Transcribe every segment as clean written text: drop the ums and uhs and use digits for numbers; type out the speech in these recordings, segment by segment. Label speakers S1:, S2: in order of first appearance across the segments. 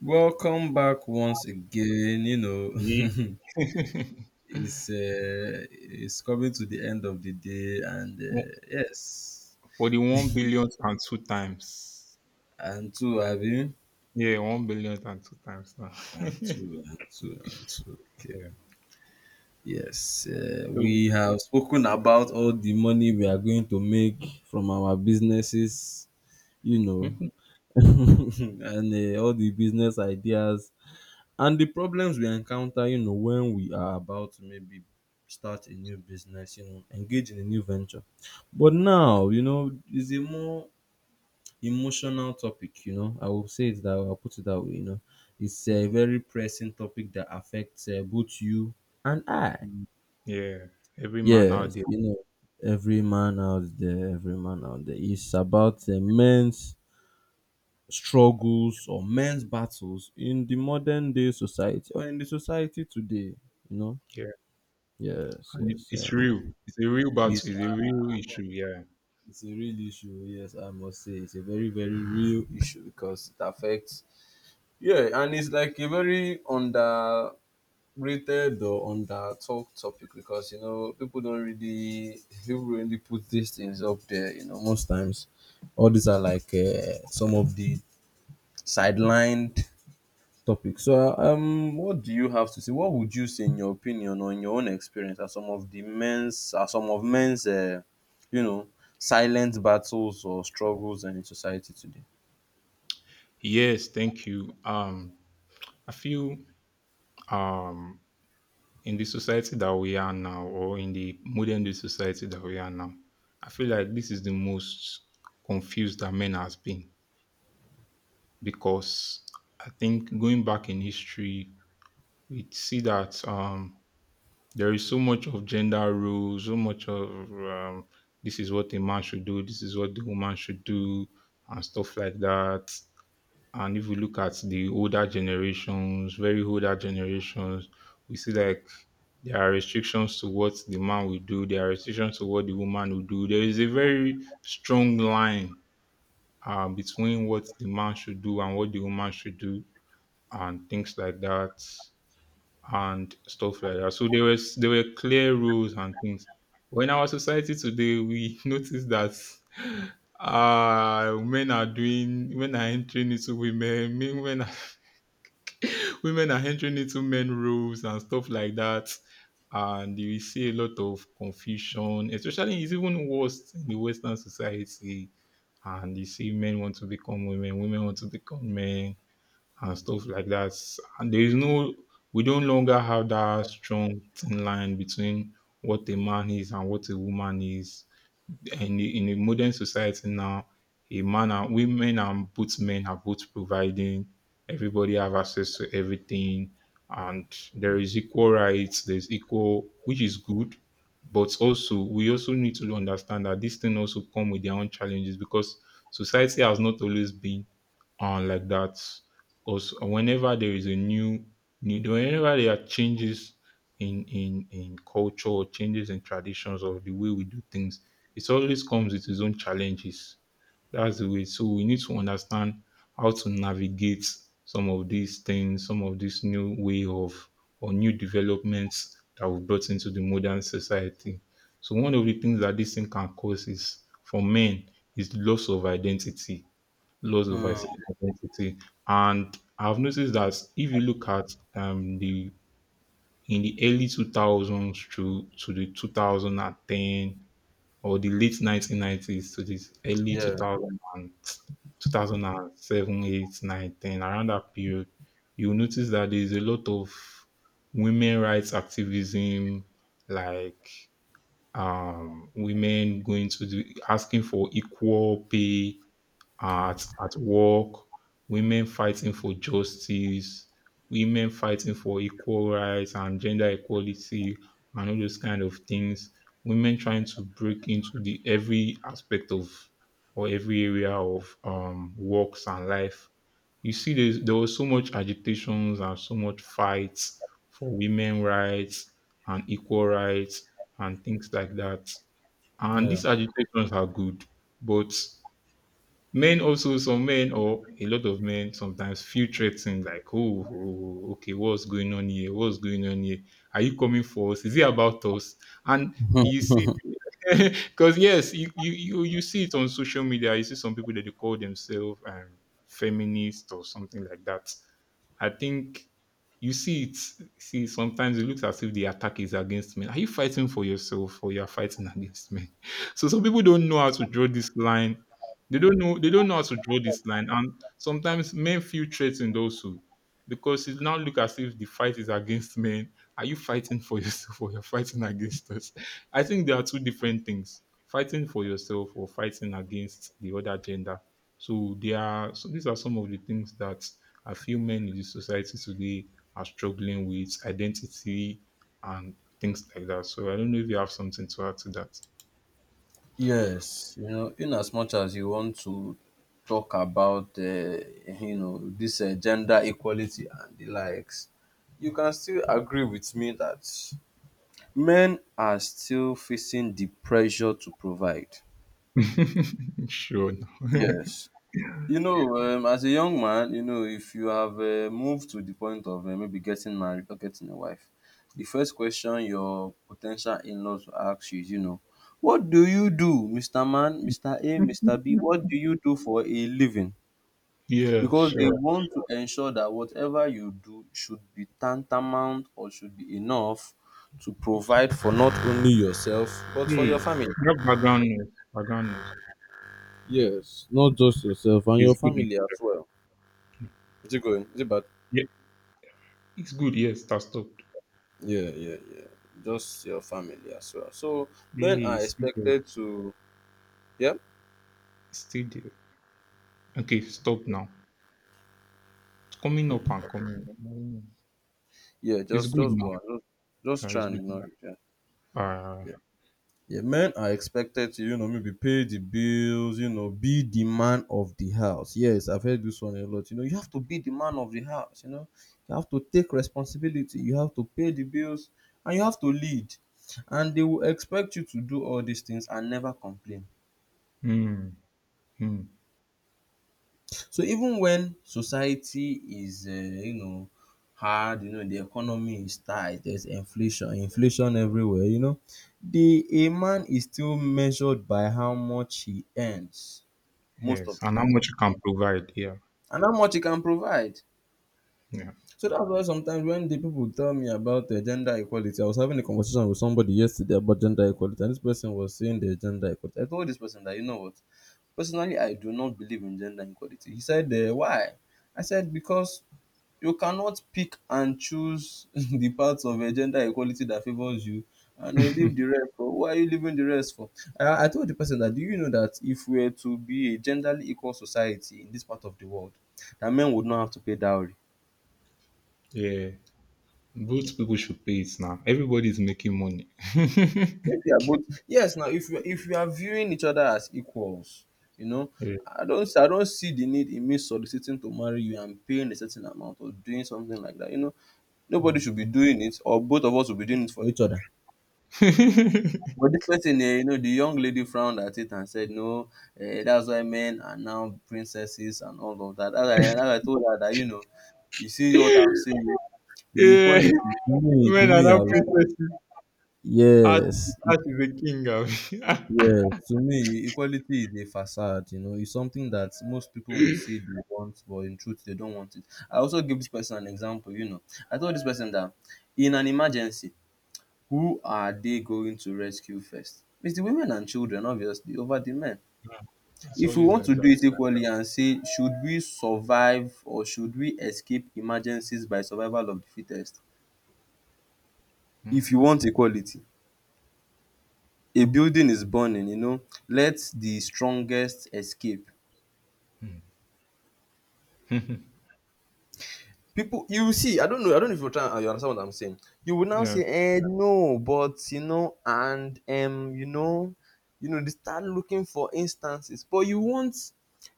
S1: Welcome back once again. You know,
S2: Ye-
S1: it's coming to the end of the day, and yes,
S2: 41 billion and two times.
S1: and two, have you?
S2: Yeah, 1 billion and two times now.
S1: And
S2: Yeah.
S1: two, and two, and two. Okay. Yes,
S2: So,
S1: we have spoken about all the money we are going to make from our businesses. You know, and all the business ideas. And the problems we encounter, you know, when we are about to maybe start a new business, you know, engage in a new venture. But now, you know, it's a more emotional topic, you know. I will say it that way, I'll put it that way, you know. It's a
S2: Mm,
S1: very pressing topic that affects both you and I.
S2: mm. Yeah, every man out
S1: Yes,
S2: there.
S1: you know, every man out there, every man out there is about men's struggles or men's battles in the modern day society or in the society today, you know.
S2: Yeah.
S1: Yes,
S2: And it,
S1: yes.
S2: it's
S1: Um,
S2: real. It's a real battle.
S1: Yes,
S2: It's a
S1: uh,
S2: real issue. Yeah.
S1: it's a real issue. Yes, I must say it's a very, very real issue because it affects. Yeah, and it's like a very underrated or under talk topic because you know people don't really put these things up there. You know, most times, all these are like some of the sidelined topic. So, what do you have to say? What would you say, in your opinion, or in your own experience, are some of the men's, are some of men's, you know, silent battles or struggles in society today?
S2: Yes, thank you. I feel um in the society that we are now, or in the modern day society that we are now, I feel like this is the most confused that men has been because I think going back in history, we see that there is so much of gender roles, so much of this is what a man should do, this is what the woman should do, and stuff like that. And if we look at the older generations, very older generations, we see like there are restrictions to what the man will do, there are restrictions to what the woman will do. There is a very strong line between what the man should do and what the woman should do and things like that and stuff like that. So there were clear rules and things. When our society today, we notice that men are entering into women, women are entering into men roles and stuff like that. And you will see a lot of confusion, especially it's even worse in the Western society. And you see men want to become women, women want to become men and stuff like that. And there is no, we don't longer have that strong thin line between what a man is and what a woman is. And in a modern society now, a man and women and both men are both providing. Everybody have access to everything, and there is equal rights. There's equal, which is good, but also we also need to understand that this thing also come with their own challenges because society has not always been and like that. Because whenever there is a new, new whenever there are changes in culture, or changes in traditions of the way we do things, it always comes with its own challenges. That's the way. So we need to understand how to navigate some of these things, some of this new way of or new developments that we've brought into the modern society. So one of the things that this thing can cause is for men is loss of identity loss of
S1: Mm,
S2: is- identity. And I've noticed that if you look at the in the early 2000s to the 2010 or the late 1990s to the early
S1: yeah,
S2: 2000 and 2007, 8, 9, 10, around that period, you notice that there's a lot of women rights activism, like women going to the asking for equal pay at work, women fighting for justice, women fighting for equal rights and gender equality and all those kind of things. Women trying to break into the every aspect of or every area of works and life. You see, there was so much agitations and so much fights for women rights and equal rights and things like that. And
S1: yeah,
S2: these agitations are good, but men also, some men or a lot of men sometimes feel threatened, like, "Oh, oh, okay, what's going on here? What's going on here? Are you coming for us? Is it about us?" And you see because yes, you see it on social media. You see some people that they call themselves feminist or something like that. I think you see it. See, sometimes it looks as if the attack is against men. Are you fighting for yourself or you are fighting against men? So some people don't know how to draw this line. They don't know. They don't know how to draw this line, and sometimes men feel threatened also because it now look as if the fight is against men. Are you fighting for yourself or you're fighting against us? I think there are two different things: fighting for yourself or fighting against the other gender. So there are so these are some of the things that I feel men in the society today are struggling with identity and things like that. So I don't know if you have something to add to that.
S1: yes. You know, in as much as you want to talk about, you know, this gender equality and the likes, you can still agree with me that men are still facing the pressure to provide.
S2: Sure.
S1: Yes. You know, as a young man, you know, if you have moved to the point of maybe getting married or getting a wife, the first question your potential in laws will ask you is, you know, what do you do, Mr. Man, Mr. A, Mr. B? What do you do for a living?
S2: Yeah,
S1: Because they,
S2: sure.
S1: yeah, want to ensure that whatever you do should be tantamount or should be enough to provide for not only yourself, but for your
S2: Hey,
S1: family.
S2: you have background noise. Background noise.
S1: Yes, not just yourself and your
S2: It's good.
S1: family as well. Is it going? Is it bad?
S2: Yeah, it's good. Yes, that stopped.
S1: Yeah, yeah, yeah. Just your family as well. So men
S2: Hey,
S1: are
S2: it's still there.
S1: expected to, yeah,
S2: It's still there. Okay, stop now. It's coming up and coming.
S1: yeah,
S2: It's good
S1: just
S2: now.
S1: go on. Just try
S2: It's
S1: and
S2: good.
S1: ignore it. Yeah.
S2: Uh,
S1: Yeah. Yeah. Men are expected to, you know, maybe pay the bills, you know, be the man of the house. Yes, I've heard this one a lot. You know, you have to be the man of the house, you know. You have to take responsibility, you have to pay the bills, and you have to lead. And they will expect you to do all these things and never complain.
S2: mm, mm,
S1: So even when society is you know hard, you know the economy is tight, there's inflation everywhere, you know, the a man is still measured by how much he earns most
S2: yes.
S1: of the
S2: And how
S1: time
S2: much you can provide. Yeah.
S1: and how much he can provide.
S2: Yeah.
S1: So that's why sometimes when the people tell me about gender equality, I was having a conversation with somebody yesterday about gender equality and this person was saying the gender equality. I told this person that you know what, personally I do not believe in gender equality. He said why? I said because you cannot pick and choose the parts of gender equality that favors you and leave the rest for. Why are you leaving the rest for? I told the person that do you know that if we were to be a genderly equal society in this part of the world that men would not have to pay dowry.
S2: Yeah. Both people should pay it now. Everybody's making money.
S1: Since we are both, yes, now if we, if we are viewing each other as equals, you know,
S2: Yeah.
S1: I don't see the need in me soliciting to marry you and paying a certain amount or doing something like that, you know, nobody
S2: Mm.
S1: should be doing it or both of us should be doing it for each other. But this person, eh, you know, the young lady frowned at it and said, "No, eh, that's why men are now princesses and all of that." As I told her that, you know, you see what I'm saying? The
S2: Yeah.
S1: equality. To
S2: Men are
S1: me, I
S2: now
S1: would,
S2: princesses. Art, is
S1: yes,
S2: art is the king of.
S1: yes. To me, equality is a facade. You know, it's something that most people will say they want, but in truth, they don't want it. I also give this person an example. You know, I told this person that in an emergency, who are they going to rescue first? It's the women and children obviously over the men.
S2: It's
S1: If we
S2: always
S1: want
S2: like
S1: to do
S2: that.
S1: it equally and say should we survive or should we escape emergencies by survival of the fittest?
S2: Mm,
S1: If you want equality, a building is burning, you know, let the strongest escape.
S2: mm.
S1: People you will see, I don't know if you're trying you understand what I'm saying, you will now
S2: Yeah.
S1: say eh no but you know and you know, you know they start looking for instances but you want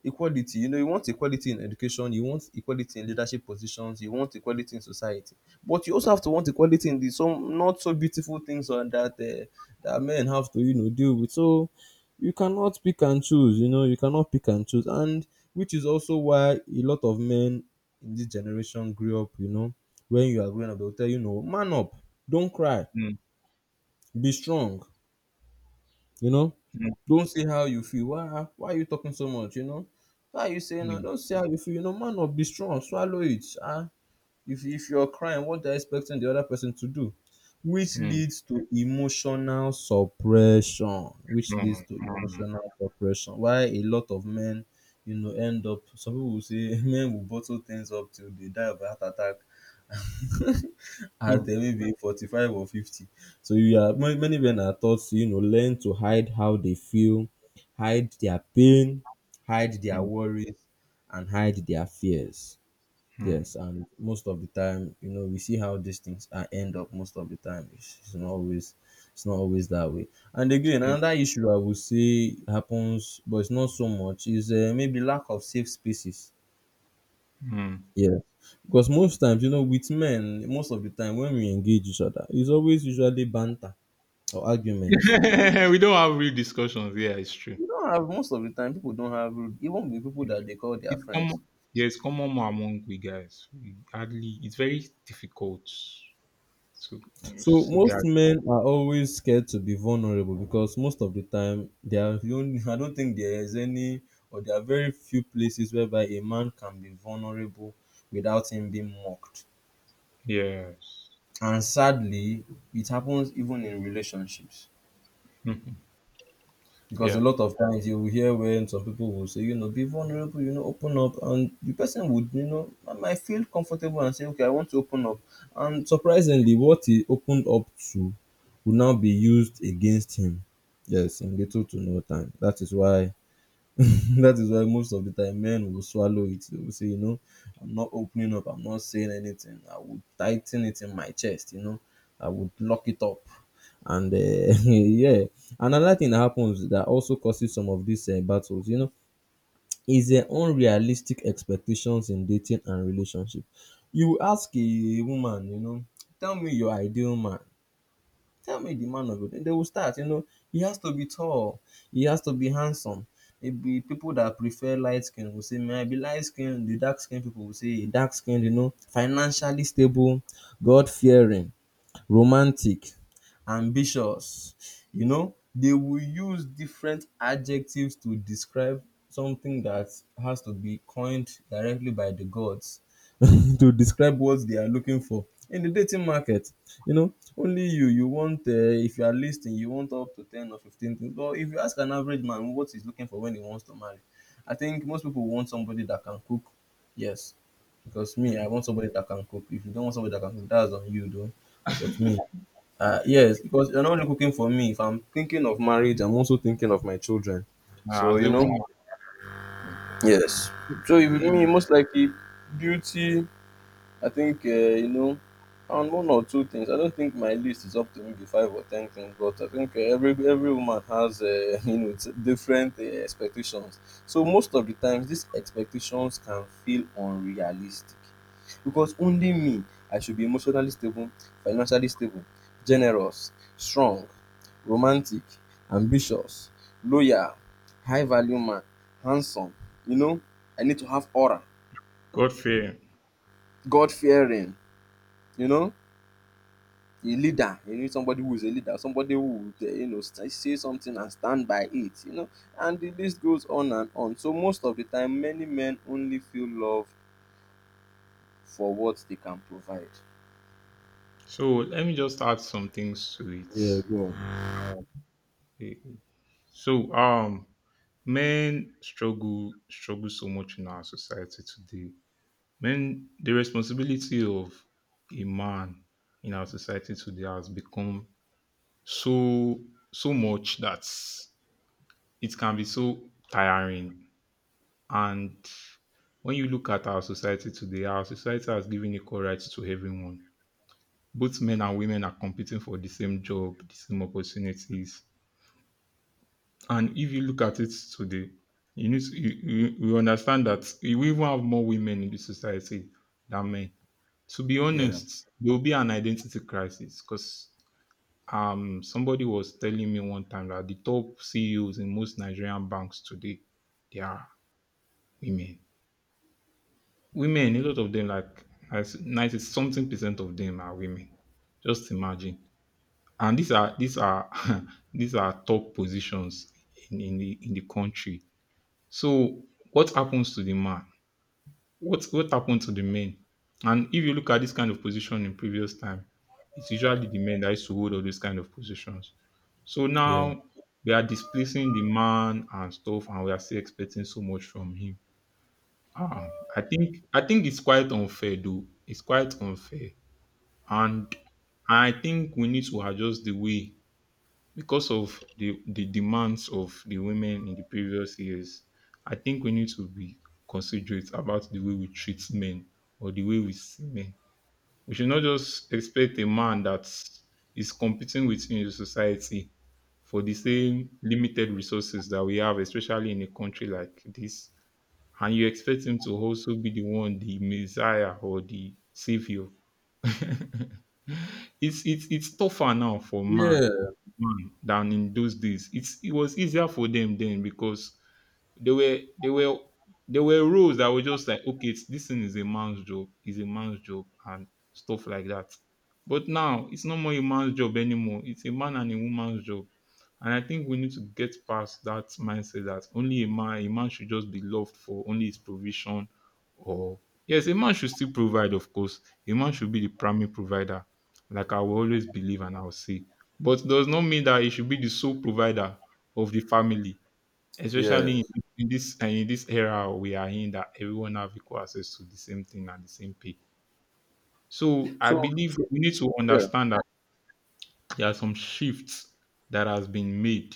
S1: equality, you know you want equality in education, you want equality in leadership positions, you want equality in society, but you also have to want equality in the some not so beautiful things that men have to you know deal with. So you cannot pick and choose, you know you cannot pick and choose, and which is also why a lot of men in this generation grew up, you know, when you are growing up, they'll tell you, no, man up, don't cry,
S2: Mm,
S1: be strong, you know,
S2: mm,
S1: don't say how you feel. Why, ah, why are you talking so much, you know? Why are you saying that?
S2: mm,
S1: Don't say how you feel, you know, man up, be strong, swallow it. Ah, if you're crying, what they're expecting the other person to do, which
S2: mm, mm,
S1: leads to emotional suppression, which leads
S2: mm,
S1: to emotional suppression. Why a lot of men, you know, end up, some people will say men will bottle things up till they die of a heart attack at
S2: mm,
S1: maybe 45 or 50. So you are many men are taught to, you know, learn to hide how they feel, hide their pain, hide their
S2: mm,
S1: worries, and hide their fears.
S2: mm.
S1: Yes, and most of the time, you know, we see how these things are end up most of the time, it's not always, it's not always that way. And again,
S2: Yeah.
S1: another issue I would say happens but it's not so much is maybe lack of safe spaces.
S2: Mm.
S1: Yeah, because most times, you know, with men, most of the time when we engage each other, it's always usually banter or arguments.
S2: We don't have real discussions. Yeah, it's true.
S1: You don't have, most of the time people don't have rude even with people that they call their
S2: It's
S1: friends.
S2: common. Yeah, it's common among we guys. We hardly. It's very difficult to
S1: So
S2: see
S1: most
S2: guys.
S1: men are always scared to be vulnerable because most of the time they are the only I don't think there is any or there are very few places whereby a man can be vulnerable without him being mocked.
S2: Yes.
S1: And sadly, it happens even in relationships.
S2: Mhm.
S1: Because a
S2: Yeah.
S1: lot of times you will hear when some people will say, you know, be vulnerable, you know, open up, and the person would, you know, I might feel comfortable and say, okay, I want to open up. And surprisingly, what he opened up to will now be used against him. Yes, in little to no time. That is why that is why most of the time men will swallow it. They will say, you know, I'm not opening up, I'm not saying anything. I would tighten it in my chest, you know, I would lock it up. And yeah, another thing that happens that also causes some of these battles, you know, is unrealistic expectations in dating and relationship. You ask a woman, you know, tell me your ideal man. Tell me the man of it. Then they will start, you know, he has to be tall, he has to be handsome. Maybe people that prefer light skin will say, may I be light skinned. The dark skinned people will say, dark skinned, you know, financially stable, God fearing, romantic, ambitious. You know, they will use different adjectives to describe something that has to be coined directly by the gods to describe what they are looking for in the dating market. You know, only you want if you are listing, you want up to 10 or 15 things. But if you ask an average man what he's looking for when he wants to marry, I think most people want somebody that can cook. Yes, because me, I
S2: Mm.
S1: want somebody that can cook. If you don't want somebody that can cook, that's on you, though. But me, yes, because you're not only cooking for me. If I'm thinking of marriage, I'm also thinking of my children.
S2: Uh,
S1: So
S2: as
S1: you
S2: a
S1: know,
S2: woman,
S1: yes. So if
S2: eh,
S1: me, most likely, beauty. I think, you know, on one or two things. I don't think my list is up to maybe five or ten things, but I think every woman has, you know, different expectations. So most of the times, these expectations can feel unrealistic because only me, I should be emotionally stable, financially stable, generous, strong, romantic, ambitious, loyal, high value man, handsome. You know, I need to have aura,
S2: God fear.
S1: God fearing. You know. A leader. You need somebody who is a leader, somebody who would, you know, say something and stand by it, you know. And the list goes on and on. So most of the time, many men only feel love for what they can provide.
S2: So let me just add some things to it.
S1: Yeah, go on.
S2: Eh, So men struggle so much in our society today. Men, the responsibility of a man in our society today has become so so much that it can be so tiring. And when you look at our society today, our society has given equal rights to everyone. Both men and women are competing for the same job, the same opportunities. And if you look at it today, you need to, you understand that we even have more women in the society than men. To be
S1: Yeah,
S2: honest, there will be an identity crisis because somebody was telling me one time that the top CEOs in most Nigerian banks today they are women. Women, a lot of them, like 90 something percent of them are women. Just imagine. And these are these are top positions in the country. So what happens to the man? What happened to the men? And if you look at this kind of position in previous time, it's usually the men that used to hold all these kind of positions. So
S1: yeah,
S2: now we are displacing the man and stuff, and we are still expecting so much from him. Ah, I think it's quite unfair though. It's quite unfair, and I think we need to adjust the way because of the demands of the women in the previous years. I think we need to be considerate about the way we treat men or the way we see men. We should not just expect a man that is competing within the society for the same limited resources that we have, especially in a country like this. And you expect him to also be the one, the Messiah or the Savior. It's tougher now for
S1: yeah,
S2: man than in those days. It was easier for them then because there were there were there were rules that were just like, okay, this thing is a man's job, is a man's job, and stuff like that. But now it's no more a man's job anymore. It's a man and a woman's job. And I think we need to get past that mindset that only a man, should just be loved for only his provision or yes, a man should still provide, of course. A man should be the primary provider, like I will always believe and I'll say. But does not mean that he should be the sole provider of the family,
S1: yeah,
S2: especially in this and in this era we are in that everyone have equal access to the same thing and the same pay. So I
S1: so
S2: believe
S1: so-
S2: we need to
S1: yeah,
S2: understand that there are some shifts that has been made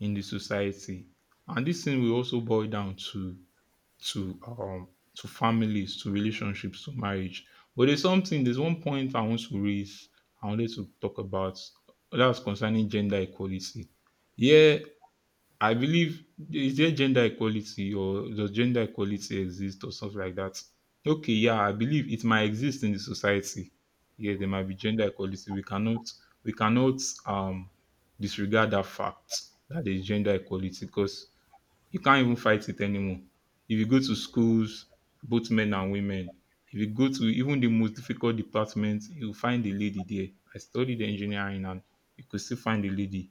S2: in the society, and this thing will also boil down to families, to relationships, to marriage. But there's one point I wanted to talk about, that's concerning gender equality. Yeah, I believe, is there gender equality or does gender equality exist or something like that? Okay, yeah, I believe it might exist in the society. Yeah, there might be gender equality. We cannot, we cannot um disregard that fact that there's gender equality because you can't even fight it anymore. If you go to schools, both men and women, if you go to even the most difficult department, you'll find a lady there. I studied engineering and you could still find a lady,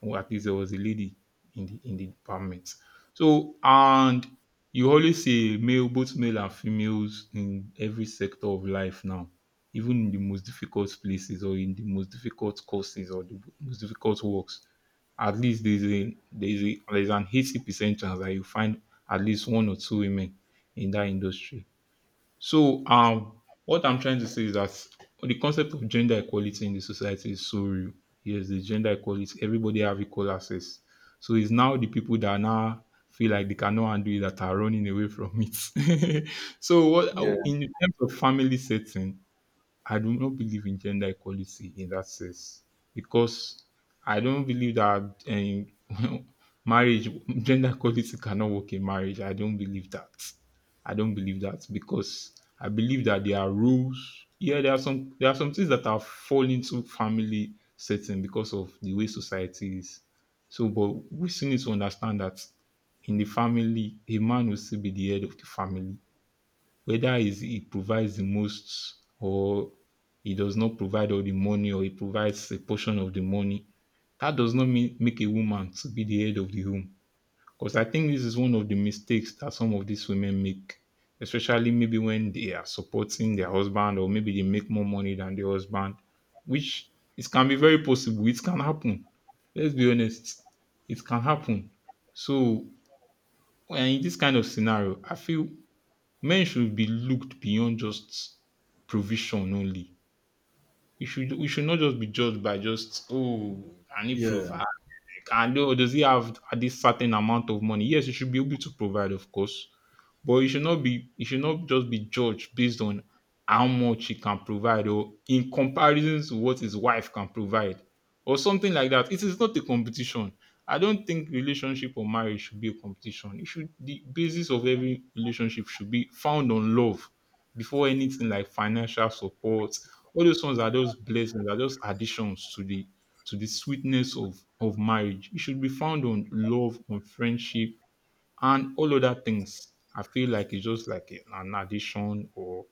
S2: or at least there was a lady in the department. So and you always see male, both male and females in every sector of life now, even in the most difficult places or in the most difficult courses or the most difficult works. At least there's an 80% chance that you find at least one or two women in that industry. What I'm trying to say is that the concept of gender equality in the society is so real. Yes, the gender equality, everybody have equal access. So it's now the people that now feel like they cannot undo it that are running away from it. so what
S1: yeah,
S2: in terms of family setting, I do not believe in gender equality in that sense because I don't believe that um, marriage gender equality cannot work in marriage. I don't believe that. I don't believe that because I believe that there are rules. Yeah, there are some things that are fall into family setting because of the way society is. So, but we still need to understand that in the family, a man will still be the head of the family whether is he provides the most or he does not provide all the money or he provides a portion of the money, that does not mean make a woman to be the head of the home. Because I think this is one of the mistakes that some of these women make, especially maybe when they are supporting their husband or maybe they make more money than their husband, which it can be very possible. It can happen. Let's be honest. It can happen. So, in this kind of scenario, I feel men should be looked beyond just provision only. We should not just be judged by just, oh, I need proof.
S1: yeah.
S2: And does he have at this certain amount of money? Yes, you should be able to provide, of course, but you should not just be judged based on how much he can provide or in comparison to what his wife can provide or something like that. It is not a competition. I don't think relationship or marriage should be a competition. It should The basis of every relationship should be found on love before anything like financial support. All those ones are just blessings, are just additions to the sweetness of marriage. It should be found on love, on friendship, and all other things. I feel like it's just like an addition or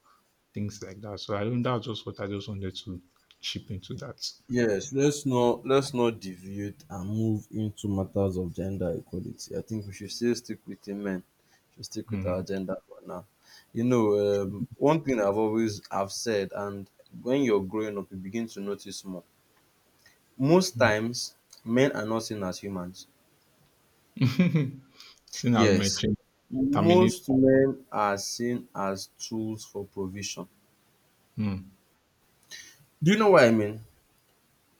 S2: things like that. So I think that's just what I just wanted to chip into that.
S1: Yes, let's not deviate and move into matters of gender equality. I think we should still stick with women. Should stick with our
S2: Mm.
S1: gender for now. You know, one thing I've always have said, and when you're growing up, you begin to notice more. Most
S2: Mm.
S1: times, men are not seen as humans.
S2: Seeing as
S1: Yes,
S2: mentioned, terminate.
S1: most men are seen as tools for provision.
S2: Mm.
S1: Do you know what I mean?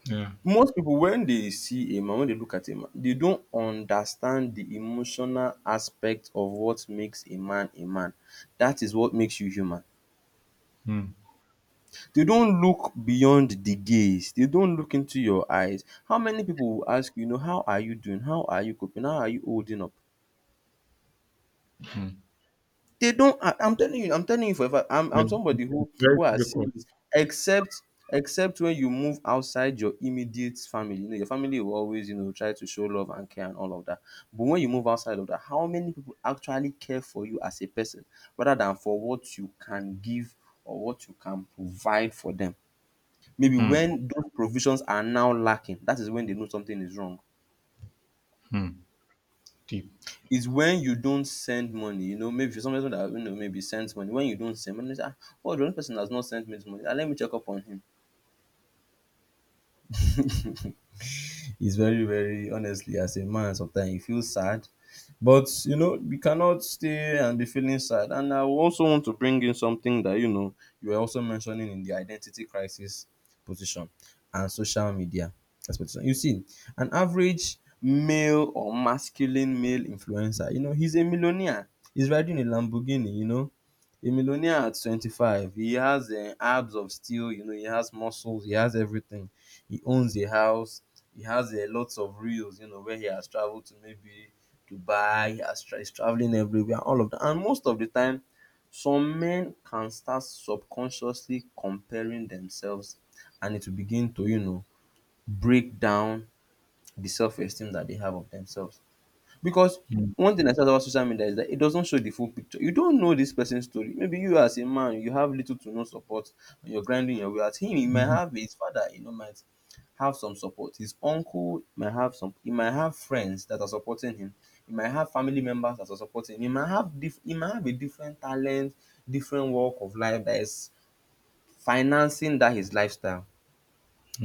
S2: Yeah.
S1: Most people, when they see a man, when they look at a man, they don't understand the emotional aspect of what makes a man a man. That is what makes you human.
S2: Mm.
S1: They don't look beyond the gaze. They don't look into your eyes. How many people will ask you, you know how are you doing, how are you coping, how are you holding up?
S2: Mm.
S1: They don't. I'm telling you. I'm telling you forever. I'm
S2: Yeah.
S1: I'm
S2: It's
S1: somebody
S2: it's very
S1: who has seen
S2: difficult.
S1: this. Except except when you move outside your immediate family, you know, your family will always, try to show love and care and all of that. But when you move outside of that, how many people actually care for you as a person, rather than for what you can give or what you can provide for them? Maybe
S2: Mm.
S1: when those provisions are now lacking, that is when they know something is wrong.
S2: Mm. Deep.
S1: Is when you don't send money, you know, maybe somebody that you know maybe sends money. When you don't send money, you say, ah, oh, the only person has not sent me this money. Ah, let me check up on him. It's very, very honestly, as a man, sometimes you feel sad. But you know, you cannot stay and be feeling sad. And I also want to bring in something that you know you were also mentioning in the identity crisis position and social media as position. You see, an average male or masculine male influencer, you know, he's a millionaire. He's riding a Lamborghini. You know, a millionaire at 25. He has abs of steel. You know, he has muscles. He has everything. He owns a house. He has a lots of reels. You know, where he has traveled to maybe Dubai, Astra is traveling everywhere, all of that. And most of the time, some men can start subconsciously comparing themselves and it will begin to, you know, break down the self esteem that they have of themselves. Because
S2: Mm.
S1: one thing I said about social media is that it doesn't show the full picture. You don't know this person's story. Maybe you as a man, you have little to no support and you're grinding your way out. Him, he might
S2: Mm.
S1: have his father, you know, might have some support. His uncle might have some. He might have friends that are supporting him. He might have family members that are supporting him. He might have a different talent, different walk of life that is financing that his lifestyle.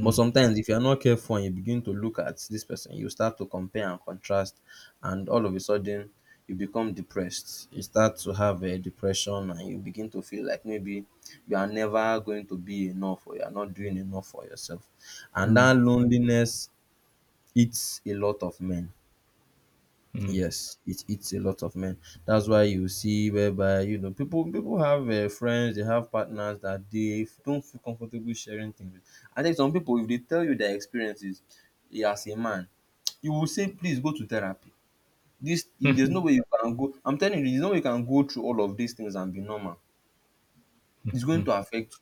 S1: But sometimes, if you are not careful and you begin to look at this person, you start to compare and contrast, and all of a sudden, you become depressed. You start to have a depression, and you begin to feel like maybe you are never going to be enough, or you are not doing enough for yourself. And that loneliness eats a lot of men.
S2: Mm.
S1: Yes, it eats a lot of men. That's why you see whereby you know people have friends, they have partners that they don't feel comfortable sharing things with. And then some people, if they tell you their experiences, as a man, you will say, please go to therapy. This there's no way
S2: Mm.
S1: you can go. I'm telling you, there's no way you can go through all of these things and be normal.
S2: Mm.
S1: It's going
S2: Mm.
S1: to affect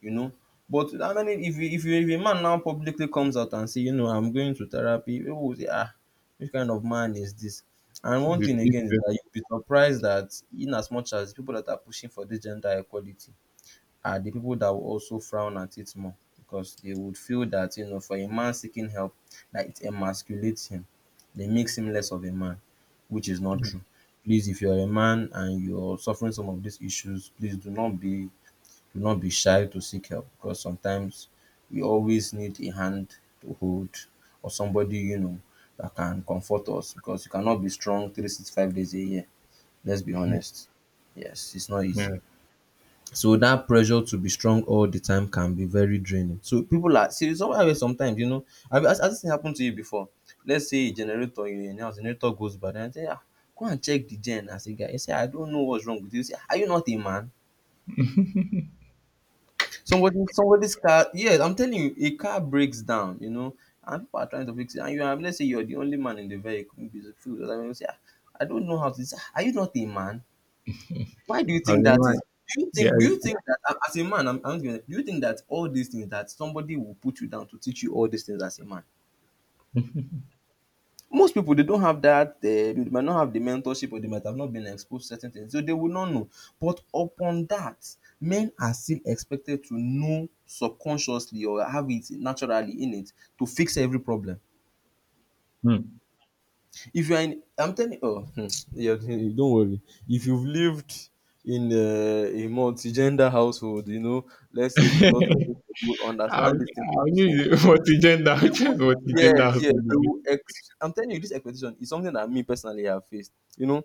S1: you, you know. But how many if you, if a man now publicly comes out and say, you know, I'm going to therapy, people will say, ah, which kind of man is this? And one
S2: The
S1: thing again is
S2: pieces.
S1: that you'll be surprised that in as much as people that are pushing for this gender equality are the people that will also frown at it more, because they would feel that you know for a man seeking help, that it emasculates him, they makes him less of a man, which is not true. Please, if you're a man and you're suffering some of these issues, please do not be no be shy to seek help, because sometimes we always need a hand to hold or somebody you know that can comfort us, because you cannot be strong 365 days a year. Let's be honest. Yes, it's not easy.
S2: Yeah.
S1: So that pressure to be strong all the time can be very draining. So people are see sometimes you know have has this thing happened to you before? Let's say a generator you in your house, generator goes bad and you say ah, go and check the gen as a guy. You say I don't know what's wrong with it. You say are you not a man? Somebody's car, yes, I'm telling you, a car breaks down, you know, and people are trying to fix it. And you are, let's say you're the only man in the vehicle, maybe it's a few other people say, "Ah, I don't know how to this. Are you not a man?" Why do you
S2: I
S1: think
S2: don't
S1: that is?
S2: in,
S1: Do you
S2: yeah.
S1: think do you think that as a man, I'm not gonna- do you think that all these things that somebody will put you down to teach you all these things as a man? Most people, they don't have that they might not have the mentorship, or they might have not been exposed to certain things, so they will not know. But upon that, men are still expected to know subconsciously or have it naturally in it to fix every problem.
S2: Hmm.
S1: If you are in, I'm telling you. Oh, hmm, yeah, don't worry. If you've lived in, a multi-gender household, you know, let's say with lots of people, you will understand this thing that
S2: I'll
S1: I'm saying.
S2: use it. Multi-gender.
S1: They
S2: Which is
S1: would,
S2: multi-gender
S1: yes,
S2: has to
S1: yes, they
S2: be
S1: will ex I'm telling you, this expectation is something that me personally have faced. You know,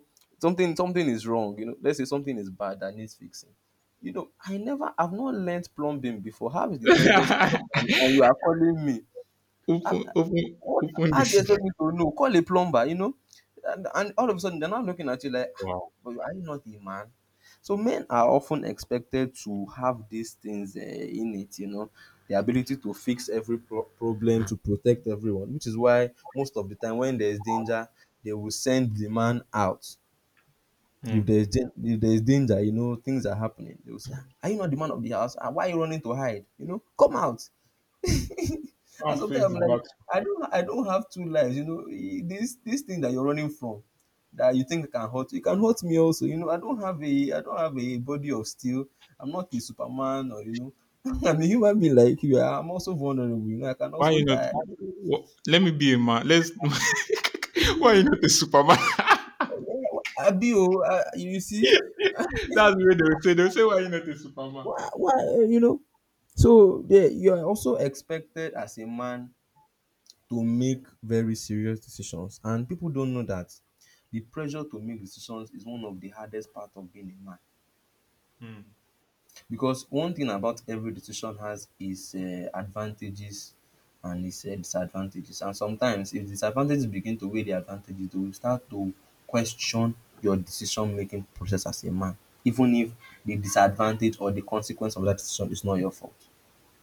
S1: something is wrong, you know. Let's say something is bad that needs fixing. You know, I've not learnt plumbing before. How is the toilet kind of
S2: good.
S1: and you are calling me? I've,
S2: Open, open,
S1: what,
S2: open
S1: how do you
S2: this.
S1: expect me to know? Call a plumber, you know? And, all of a sudden, they're not looking at you like, "Ah,
S2: Wow.
S1: but are you not a man?" So men are often expected to have these things in it, you know, the ability to fix every problem, to protect everyone, which is why most of the time when there is danger, they will send the man out. If
S2: Mm.
S1: there is danger, you know, things are happening. They will say, "Ah, are you not the man of the house? Ah, why are you running to hide? You know, come out."
S2: I'll
S1: And sometimes
S2: face
S1: I'm
S2: the
S1: like,
S2: back.
S1: I don't have two lives. You know, this this thing that you're running from, that you think can hurt you, it can hurt me also. You know, I don't have a body of steel. I'm not a Superman, or you know, I'm a human being like you. I'm also vulnerable. You know, I can
S2: Why
S1: also
S2: you not?
S1: die.
S2: What, let me be a man. Let's. Why you not a superman?
S1: Abio, you see,
S2: That's the way they would say. They would say, why you not a superman?
S1: why, you know. So yeah, you are also expected as a man to make very serious decisions. And people don't know that the pressure to make decisions is one of the hardest part of being a man.
S2: Hmm.
S1: Because one thing about every decision has its advantages and its disadvantages. And sometimes, if disadvantages begin to weigh the advantages, they will start to question your decision making process as a man, even if the disadvantage or the consequence of that decision is not your fault.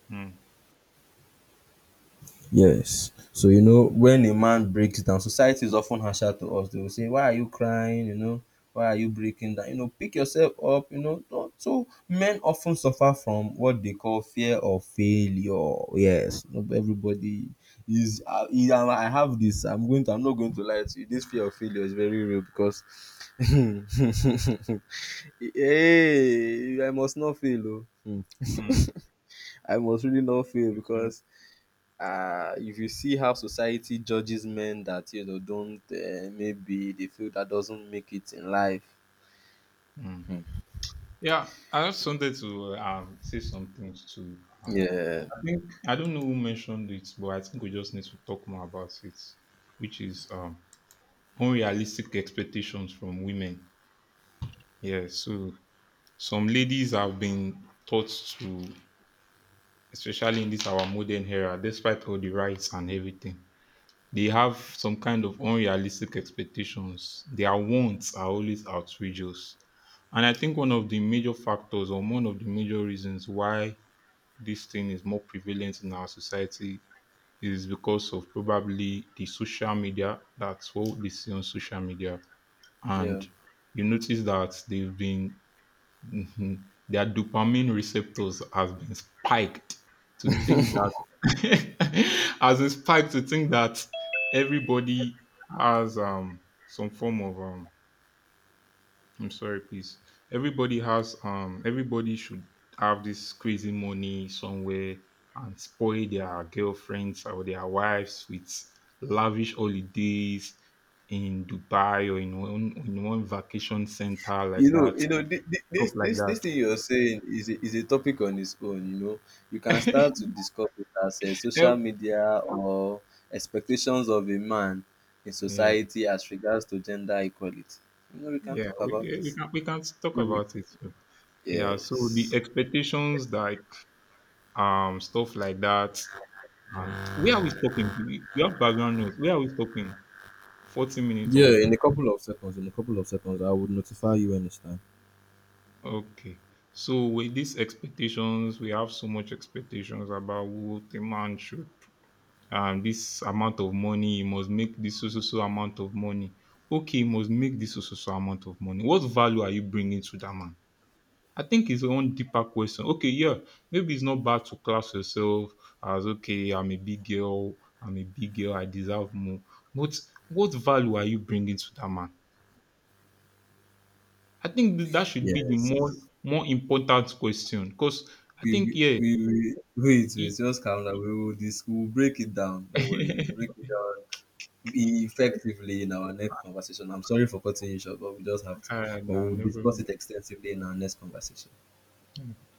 S2: Hmm.
S1: Yes. So, you know, when a man breaks down, society is often harsher to us. They will say, why are you crying? You know, why are you breaking down? You know, pick yourself up, you know. Don't. So men often suffer from what they call fear of failure. Yes. Not everybody is and I have this. I'm not going to lie to you. This fear of failure is very real, because hey, I must not fail. Oh. Hmm.
S2: Mm.
S1: I must really not fail,
S2: Okay.
S1: because if you see how society judges men that you know don't maybe they feel that doesn't make it in life,
S2: Mm. Yeah, I just wanted to say some things to um,
S1: yeah,
S2: I think I don't know who mentioned it, but I think we just need to talk more about it, which is unrealistic expectations from women. Yeah, so some ladies have been taught to, especially in this our modern era, despite all the rights and everything, they have some kind of unrealistic expectations. Their wants are always outrageous, and I think one of the major factors or one of the major reasons why this thing is more prevalent in our society is because of probably the social media. That's what they see on social media,
S1: yeah,
S2: and you notice that they've been their dopamine receptors has been spiked to think that has a spike to think that everybody has some form of I'm sorry, please. Everybody has everybody should have this crazy money somewhere and spoil their girlfriends or their wives with lavish holidays in Dubai or in one vacation center
S1: you
S2: like
S1: know,
S2: that. Stuff like
S1: this
S2: that.
S1: thing you're saying is is a topic on its own, you know. You can start to discuss it as
S2: Yeah,
S1: social media or expectations of a man in
S2: yeah.
S1: society as regards to gender equality, you know. We can
S2: Yeah,
S1: talk about
S2: Yeah,
S1: this.
S2: we can talk
S1: Mhm.
S2: about it soon. Yeah, so the
S1: Yes.
S2: expectations like stuff like that and where are we stopping? We have background noise. Where are we stopping? 40 minutes
S1: Yeah,
S2: away.
S1: in a couple of seconds, in a couple of time.
S2: Okay. So with these expectations, we have so much expectations about what a man should this amount of money, he must make this so so so amount of money. Okay, he must make this so so so amount of money. What value are you bringing to that man? I think it's one deeper question. Okay, yeah, maybe it's not bad to class yourself as okay, I'm a big girl, I'm a big girl, I deserve more. But what value are you bringing to that man? I think that should be the
S1: Yes.
S2: more important question because I
S1: We
S2: think
S1: we
S2: yeah.
S1: we we
S2: It,
S1: wait, just calm down. We will dis we'll break it down. Don't worry, we'll break it down effectively in our next conversation. I'm sorry for cutting you short, but we just have to.
S2: all right,
S1: But
S2: now
S1: we'll
S2: no
S1: discuss
S2: problem.
S1: it extensively in our next conversation.